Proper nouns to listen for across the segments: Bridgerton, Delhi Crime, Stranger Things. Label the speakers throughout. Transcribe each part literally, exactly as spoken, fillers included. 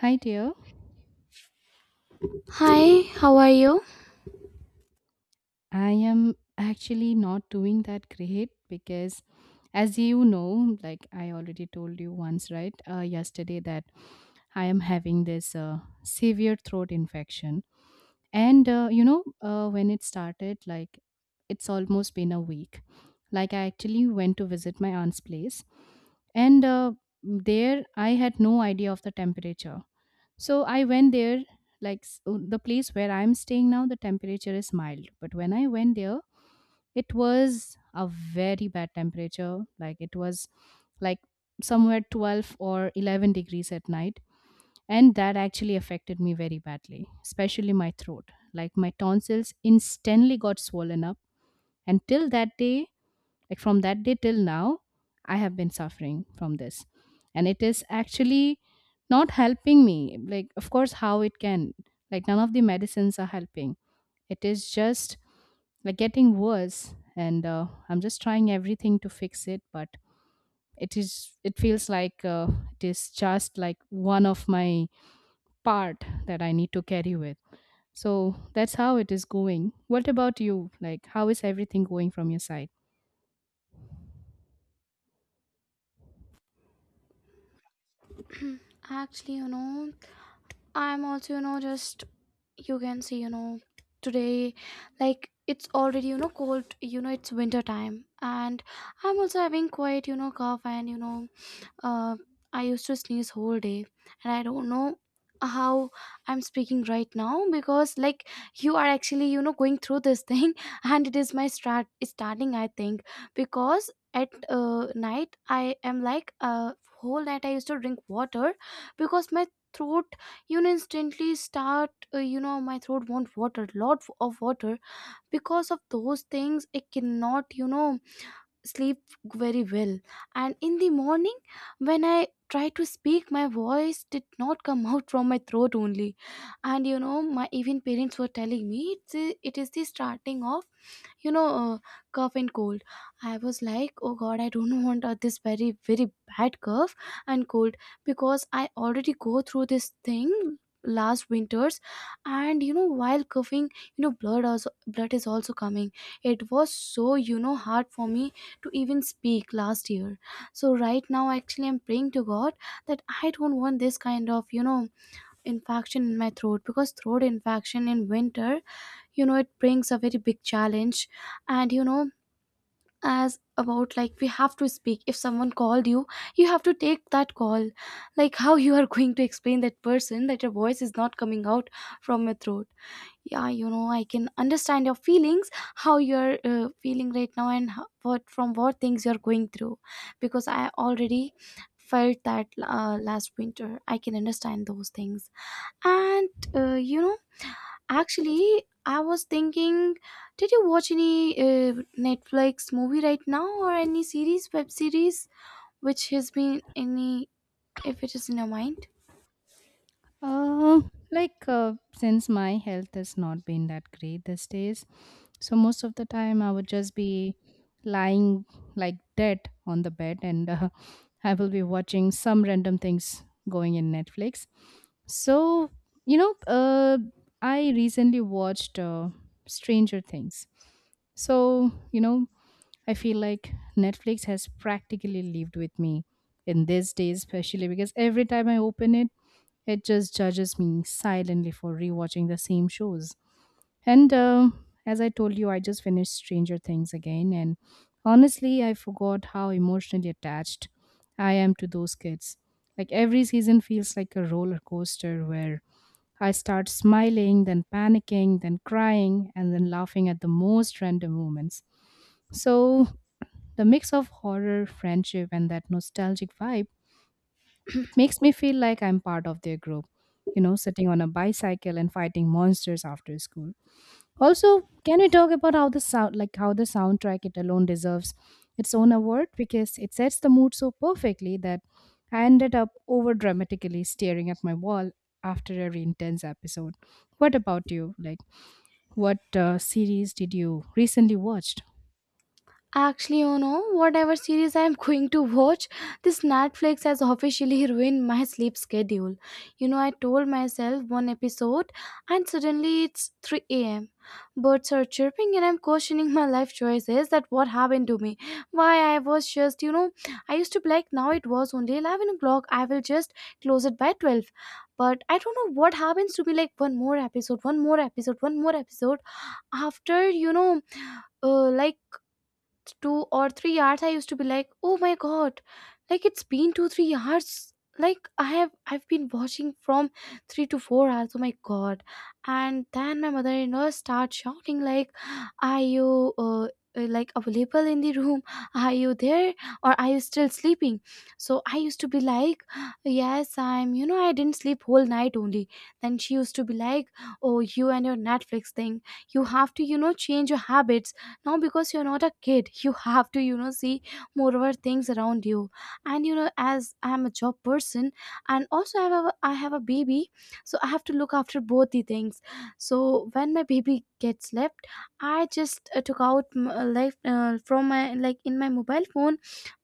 Speaker 1: Hi dear,
Speaker 2: Hi, how are you?
Speaker 1: I am actually not doing that great because as you know, like I already told you once, right? Uh, yesterday that I am having this uh, severe throat infection. And uh, you know, uh, when it started, like it's almost been a week. Like I actually went to visit my aunt's place and uh, there I had no idea of the temperature. So I went there, like s- uh, the place where I'm staying now, the temperature is mild. But when I went there, it was a very bad temperature. Like it was like somewhere twelve or eleven degrees at night. And that actually affected me very badly, especially my throat. Like my tonsils instantly got swollen up. And till that day, like from that day till now, I have been suffering from this. And it is actually not helping me. Like, of course, how it can. Like, none of the medicines are helping. It is just like getting worse. And uh, I'm just trying everything to fix it. But it is, it feels like uh, it is just like one of my part that I need to carry with. So that's how it is going. What about you? Like, how is everything going from your side?
Speaker 2: Actually, you know, I'm also, you know, just you can see, you know, today, like it's already, you know, cold, you know, it's winter time, and I'm also having quite, you know, cough and, you know, uh, I used to sneeze whole day, and I don't know how I'm speaking right now, because like you are actually you know going through this thing, and it is my start starting, I think, because at uh, night I am like uh, whole night I used to drink water because my throat you know instantly start, uh, you know my throat want water, lot of water, because of those things it cannot you know sleep very well. And in the morning when I tried to speak, my voice did not come out from my throat only. And you know my even parents were telling me it's, it is the starting of you know uh, cough and cold. I was like, oh god, I don't want uh, this very very bad cough and cold, because I already go through this thing last winters. And you know while coughing, you know blood also blood is also coming. It was so you know hard for me to even speak last year. So right now actually I'm praying to god that I don't want this kind of you know infection in my throat, because throat infection in winter, you know it brings a very big challenge. And you know as about, like we have to speak, if someone called you, you have to take that call. Like how you are going to explain that person that your voice is not coming out from your throat. Yeah, you know I can understand your feelings, how you're uh, feeling right now and how, what from what things you're going through. Because I already felt that uh, last winter, I can understand those things. And uh, you know actually, I was thinking, did you watch any uh, Netflix movie right now, or any series, web series, which has been any, if it is in your mind?
Speaker 1: Uh, like uh, since my health has not been that great these days, so most of the time I would just be lying like dead on the bed, and uh, I will be watching some random things going in Netflix. So you know, uh, I recently watched uh, Stranger Things. So you know, I feel like Netflix has practically lived with me in these days, especially because every time I open it it just judges me silently for rewatching the same shows. And um as I told you, I just finished Stranger Things again, and honestly, I forgot how emotionally attached I am to those kids. Like every season feels like a roller coaster where I start smiling, then panicking, then crying, and then laughing at the most random moments. So, the mix of horror, friendship, and that nostalgic vibe makes me feel like I'm part of their group, you know, sitting on a bicycle and fighting monsters after school. Also, can we talk about how the sound, like how the soundtrack it alone deserves its own award because it sets the mood so perfectly that I ended up over dramatically staring at my wall after every intense episode. What about you? Like, what uh, series did you recently watched?
Speaker 2: Actually, you know, whatever series I am going to watch, this Netflix has officially ruined my sleep schedule. You know, I told myself one episode, and suddenly it's three a m. Birds are chirping and I'm questioning my life choices, that what happened to me. Why I was just, you know, I used to be like, now it was only eleven o'clock, I will just close it by twelve. But I don't know what happens to me, like one more episode, one more episode, one more episode. After, you know, uh, like two or three hours, I used to be like, oh my god, like it's been two three hours, like i have I've been watching from three to four hours, oh my god. And then my mother-in-law starts shouting like, are you uh, uh, like available in the room, are you there, or are you still sleeping? So I used to be like, yes, I'm, you know I didn't sleep whole night only. Then she used to be like, oh, you and your Netflix thing, you have to you know change your habits now, because you're not a kid, you have to you know see more of our things around you. And you know as I'm a job person, and also i have a, I have a baby, so I have to look after both the things. So when my baby gets left, I just uh, took out m- uh, like uh, from my, like in my mobile phone,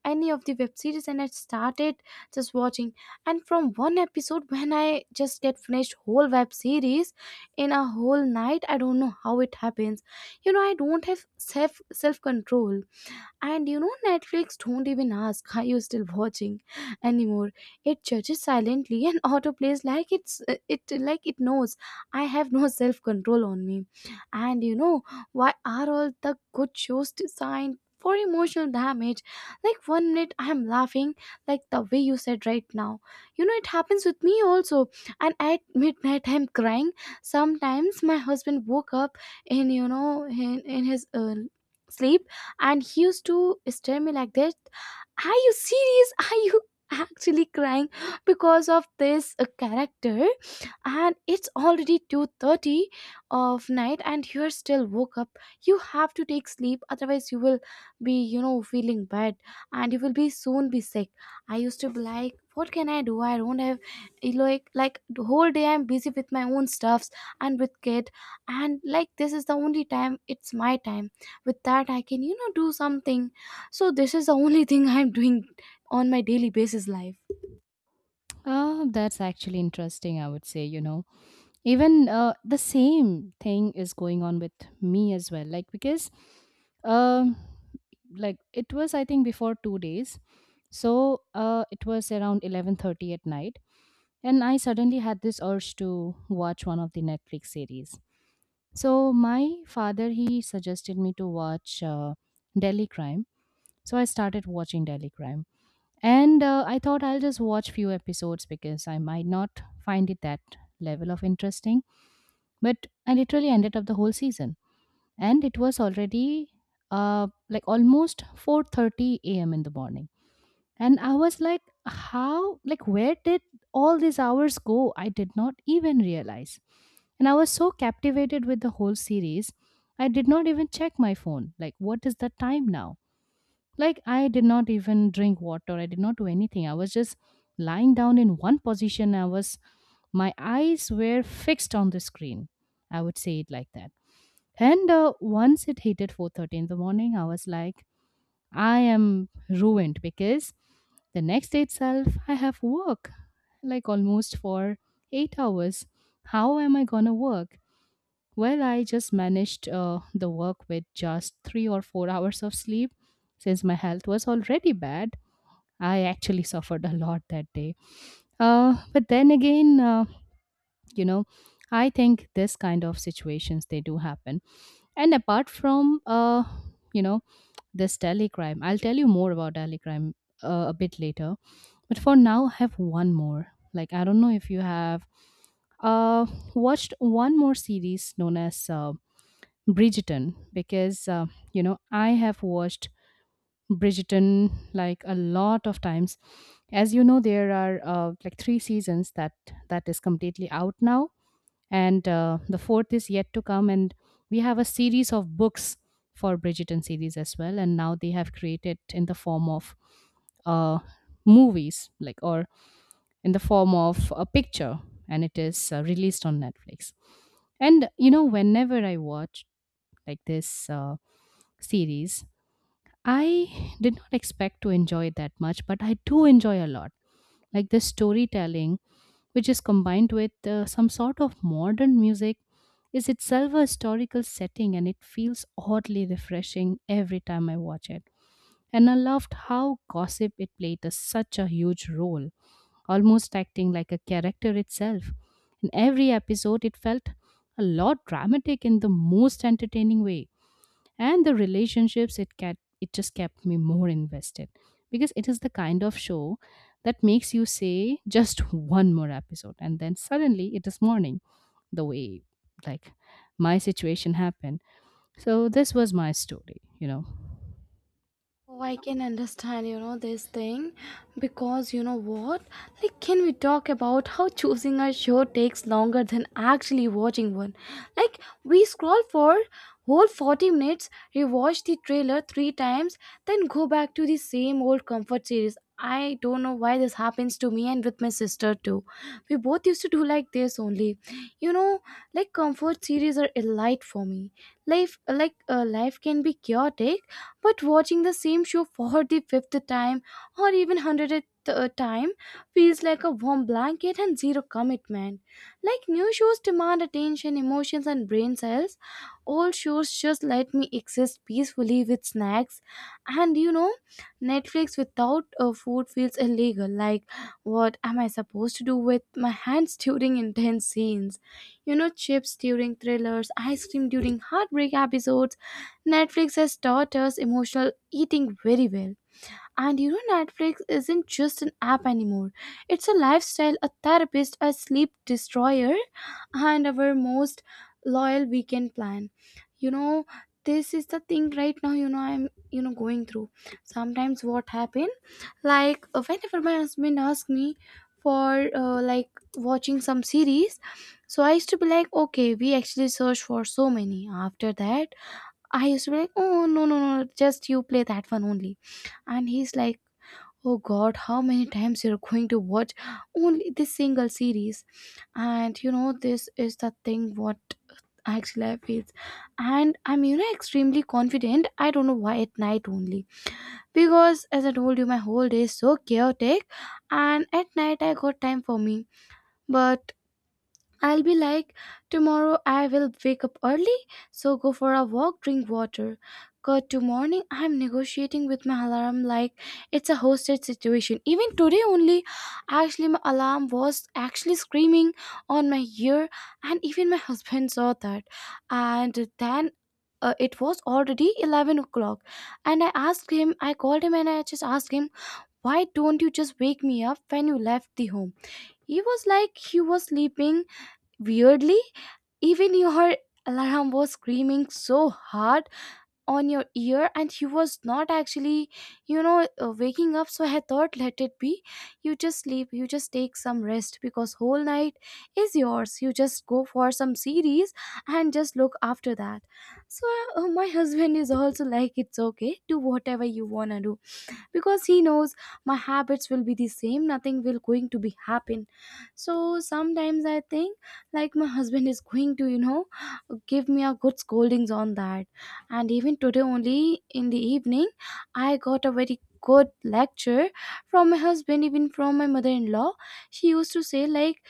Speaker 2: any of the web series, and I started just watching. And from one episode, when I just get finished whole web series in a whole night, I don't know how it happens. You know, I don't have self self control. And you know, Netflix don't even ask, are you still watching anymore? It judges silently and autoplays, like it's uh, it like it knows I have no self-control on me. And you know, why are all the good shows designed for emotional damage? Like one minute I am laughing, like the way you said right now. You know, it happens with me also. And at midnight I'm crying. Sometimes my husband woke up in, you know in, in his uh, sleep, and he used to stare me like that, are you serious, are you actually crying because of this uh, character? And it's already two thirty of night and you're still woke up, you have to take sleep, otherwise you will be you know feeling bad, and you will be soon be sick. I used to be like, what can I do? I don't have, like like the whole day I'm busy with my own stuffs and with kid. And like, this is the only time, it's my time, with that I can you know do something. So this is the only thing I'm doing on my daily basis life.
Speaker 1: Ah, that's actually interesting, I would say, you know. Even uh, the same thing is going on with me as well, like because um like it was, I think, before 2 days. So uh it was around eleven thirty at night, and I suddenly had this urge to watch one of the Netflix series. So my father, he suggested me to watch uh, Delhi Crime. So I started watching Delhi Crime, and uh, I thought I'll just watch few episodes because I might not find it that level of interesting. But I literally ended up the whole season, and it was already uh, like almost four thirty a m in the morning. And I was like, how, like where did all these hours go? I did not even realize. And I was so captivated with the whole series, I did not even check my phone like what is the time now. Like, I did not even drink water, I did not do anything. I was just lying down in one position. I was, my eyes were fixed on the screen. I would say it like that. And uh, once it hit at four thirty in the morning, I was like, I am ruined because the next day itself, I have work like almost for eight hours. How am I gonna work? Well, I just managed uh, the work with just three or four hours of sleep since my health was already bad. I actually suffered a lot that day. Uh, but then again, uh, you know, I think this kind of situations they do happen. And apart from uh, you know, this Delhi Crime, I'll tell you more about Delhi Crime uh, a bit later. But for now, I have one more. Like I don't know if you have uh, watched one more series known as uh, Bridgerton, because uh, you know I have watched Bridgerton like a lot of times. As you know, there are uh, like three seasons that that is completely out now, and uh, the fourth is yet to come. And we have a series of books for Bridgerton series as well, and now they have created in the form of uh, movies, like, or in the form of a picture, and it is uh, released on Netflix. And you know, whenever I watch like this uh, series, I did not expect to enjoy it that much, but I do enjoy a lot. Like the storytelling, which is combined with uh, some sort of modern music, is itself a historical setting, and it feels oddly refreshing every time I watch it. And I loved how gossip it played a, such a huge role, almost acting like a character itself. In every episode, it felt a lot dramatic in the most entertaining way, and the relationships it kept it just kept me more invested because it is the kind of show that makes you say just one more episode, and then suddenly it is morning, the way like my situation happened. So this was my story you know
Speaker 2: Oh, I can understand, you know, this thing, because you know what? Like, can we talk about how choosing a show takes longer than actually watching one? Like, we scroll for whole forty minutes, rewatch the trailer three times, then go back to the same old comfort series. I don't know why this happens to me and with my sister too. We both used to do like this only. You know, like comfort series are a light for me. Life like uh, life can be chaotic, but watching the same show for the fifth time or even hundredth uh, time feels like a warm blanket and zero commitment. Like, new shows demand attention, emotions, and brain cells. Old shows just let me exist peacefully with snacks. And you know, Netflix without uh, food feels illegal. Like, what am I supposed to do with my hands during intense scenes? You know, chips during thrillers, ice cream during heartbreak episodes. Netflix has taught us emotional eating very well. And you know, Netflix isn't just an app anymore. It's a lifestyle, a therapist, a sleep destroyer, and our most loyal weekend plan. You know, this is the thing right now, you know, I'm, you know, going through. Sometimes what happen, like, uh, whenever my husband asks me for, uh, like, watching some series, so I used to be like, okay, we actually search for so many. After that, I used to be like, oh, no, no, no, just you play that one only. And he's like, oh god, how many times you're going to watch only this single series? And you know, this is the thing what actually I feel. And I'm, you know, extremely confident. I don't know why at night only. Because as I told you, my whole day is so chaotic. And at night, I got time for me. But I'll be like, tomorrow I will wake up early, so go for a walk, drink water. Cut to morning, I'm negotiating with my alarm like it's a hostage situation. Even today only, actually my alarm was actually screaming on my ear, and even my husband saw that. And then uh, it was already eleven o'clock, and I asked him, I called him and I just asked him, why don't you just wake me up when you left the home? He was like, he was sleeping. Weirdly, even your alarm was screaming so hard on your ear, and you was not actually you know uh, waking up, so I thought let it be, you just sleep, you just take some rest, because whole night is yours, you just go for some series and just look after that. So uh, my husband is also like, it's okay, do whatever you want to do, because he knows my habits will be the same, nothing will going to be happen. So sometimes I think like my husband is going to you know give me a good scoldings on that. And even today only in the evening, I got a very good lecture from my husband, even from my mother-in-law. She used to say like,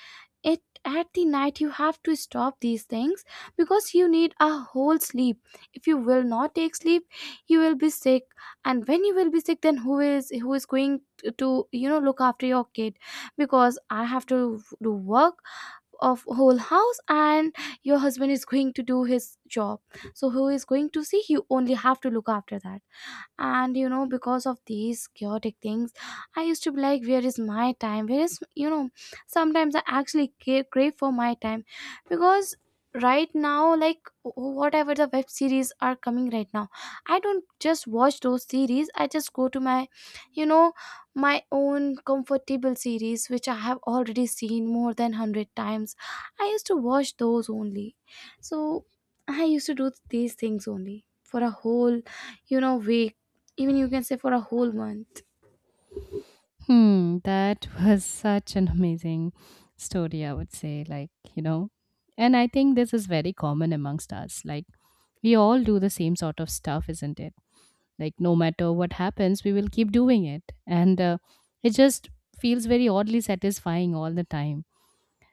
Speaker 2: it at the night you have to stop these things, because you need a whole sleep. If you will not take sleep, you will be sick. And when you will be sick, then who is who is going to you know look after your kid? Because I have to do work of whole house, and your husband is going to do his job. So who is going to see you? Only have to look after that. And you know, because of these chaotic things, I used to be like, where is my time? Where is, you know sometimes I actually ca- crave for my time. Because right now, like wh- whatever the web series are coming right now, I don't just watch those series, I just go to my, you know my own comfortable series, which I have already seen more than a hundred times. I used to watch those only. So I used to do these things only for a whole, you know week, even you can say for a whole month.
Speaker 1: Hmm, that was such an amazing story, I would say. Like, you know, and I think this is very common amongst us. Like, we all do the same sort of stuff, isn't it? Like no matter what happens, we will keep doing it, and uh, it just feels very oddly satisfying all the time.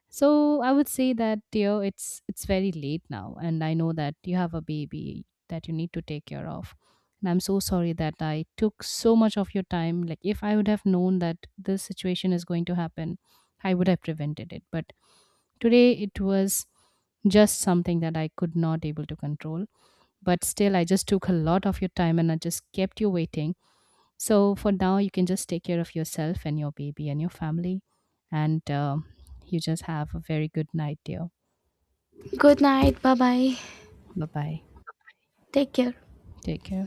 Speaker 1: So I would say that you know it's it's very late now, and I know that you have a baby that you need to take care of. And I'm so sorry that I took so much of your time. Like if I would have known that this situation is going to happen, I would have prevented it. But today it was just something that I could not able to control. But still I just took a lot of your time, and I just kept you waiting. So for now, you can just take care of yourself and your baby and your family. And um, you just have a very good night, dear.
Speaker 2: Good night, bye bye.
Speaker 1: Bye bye.
Speaker 2: Take care.
Speaker 1: Take care.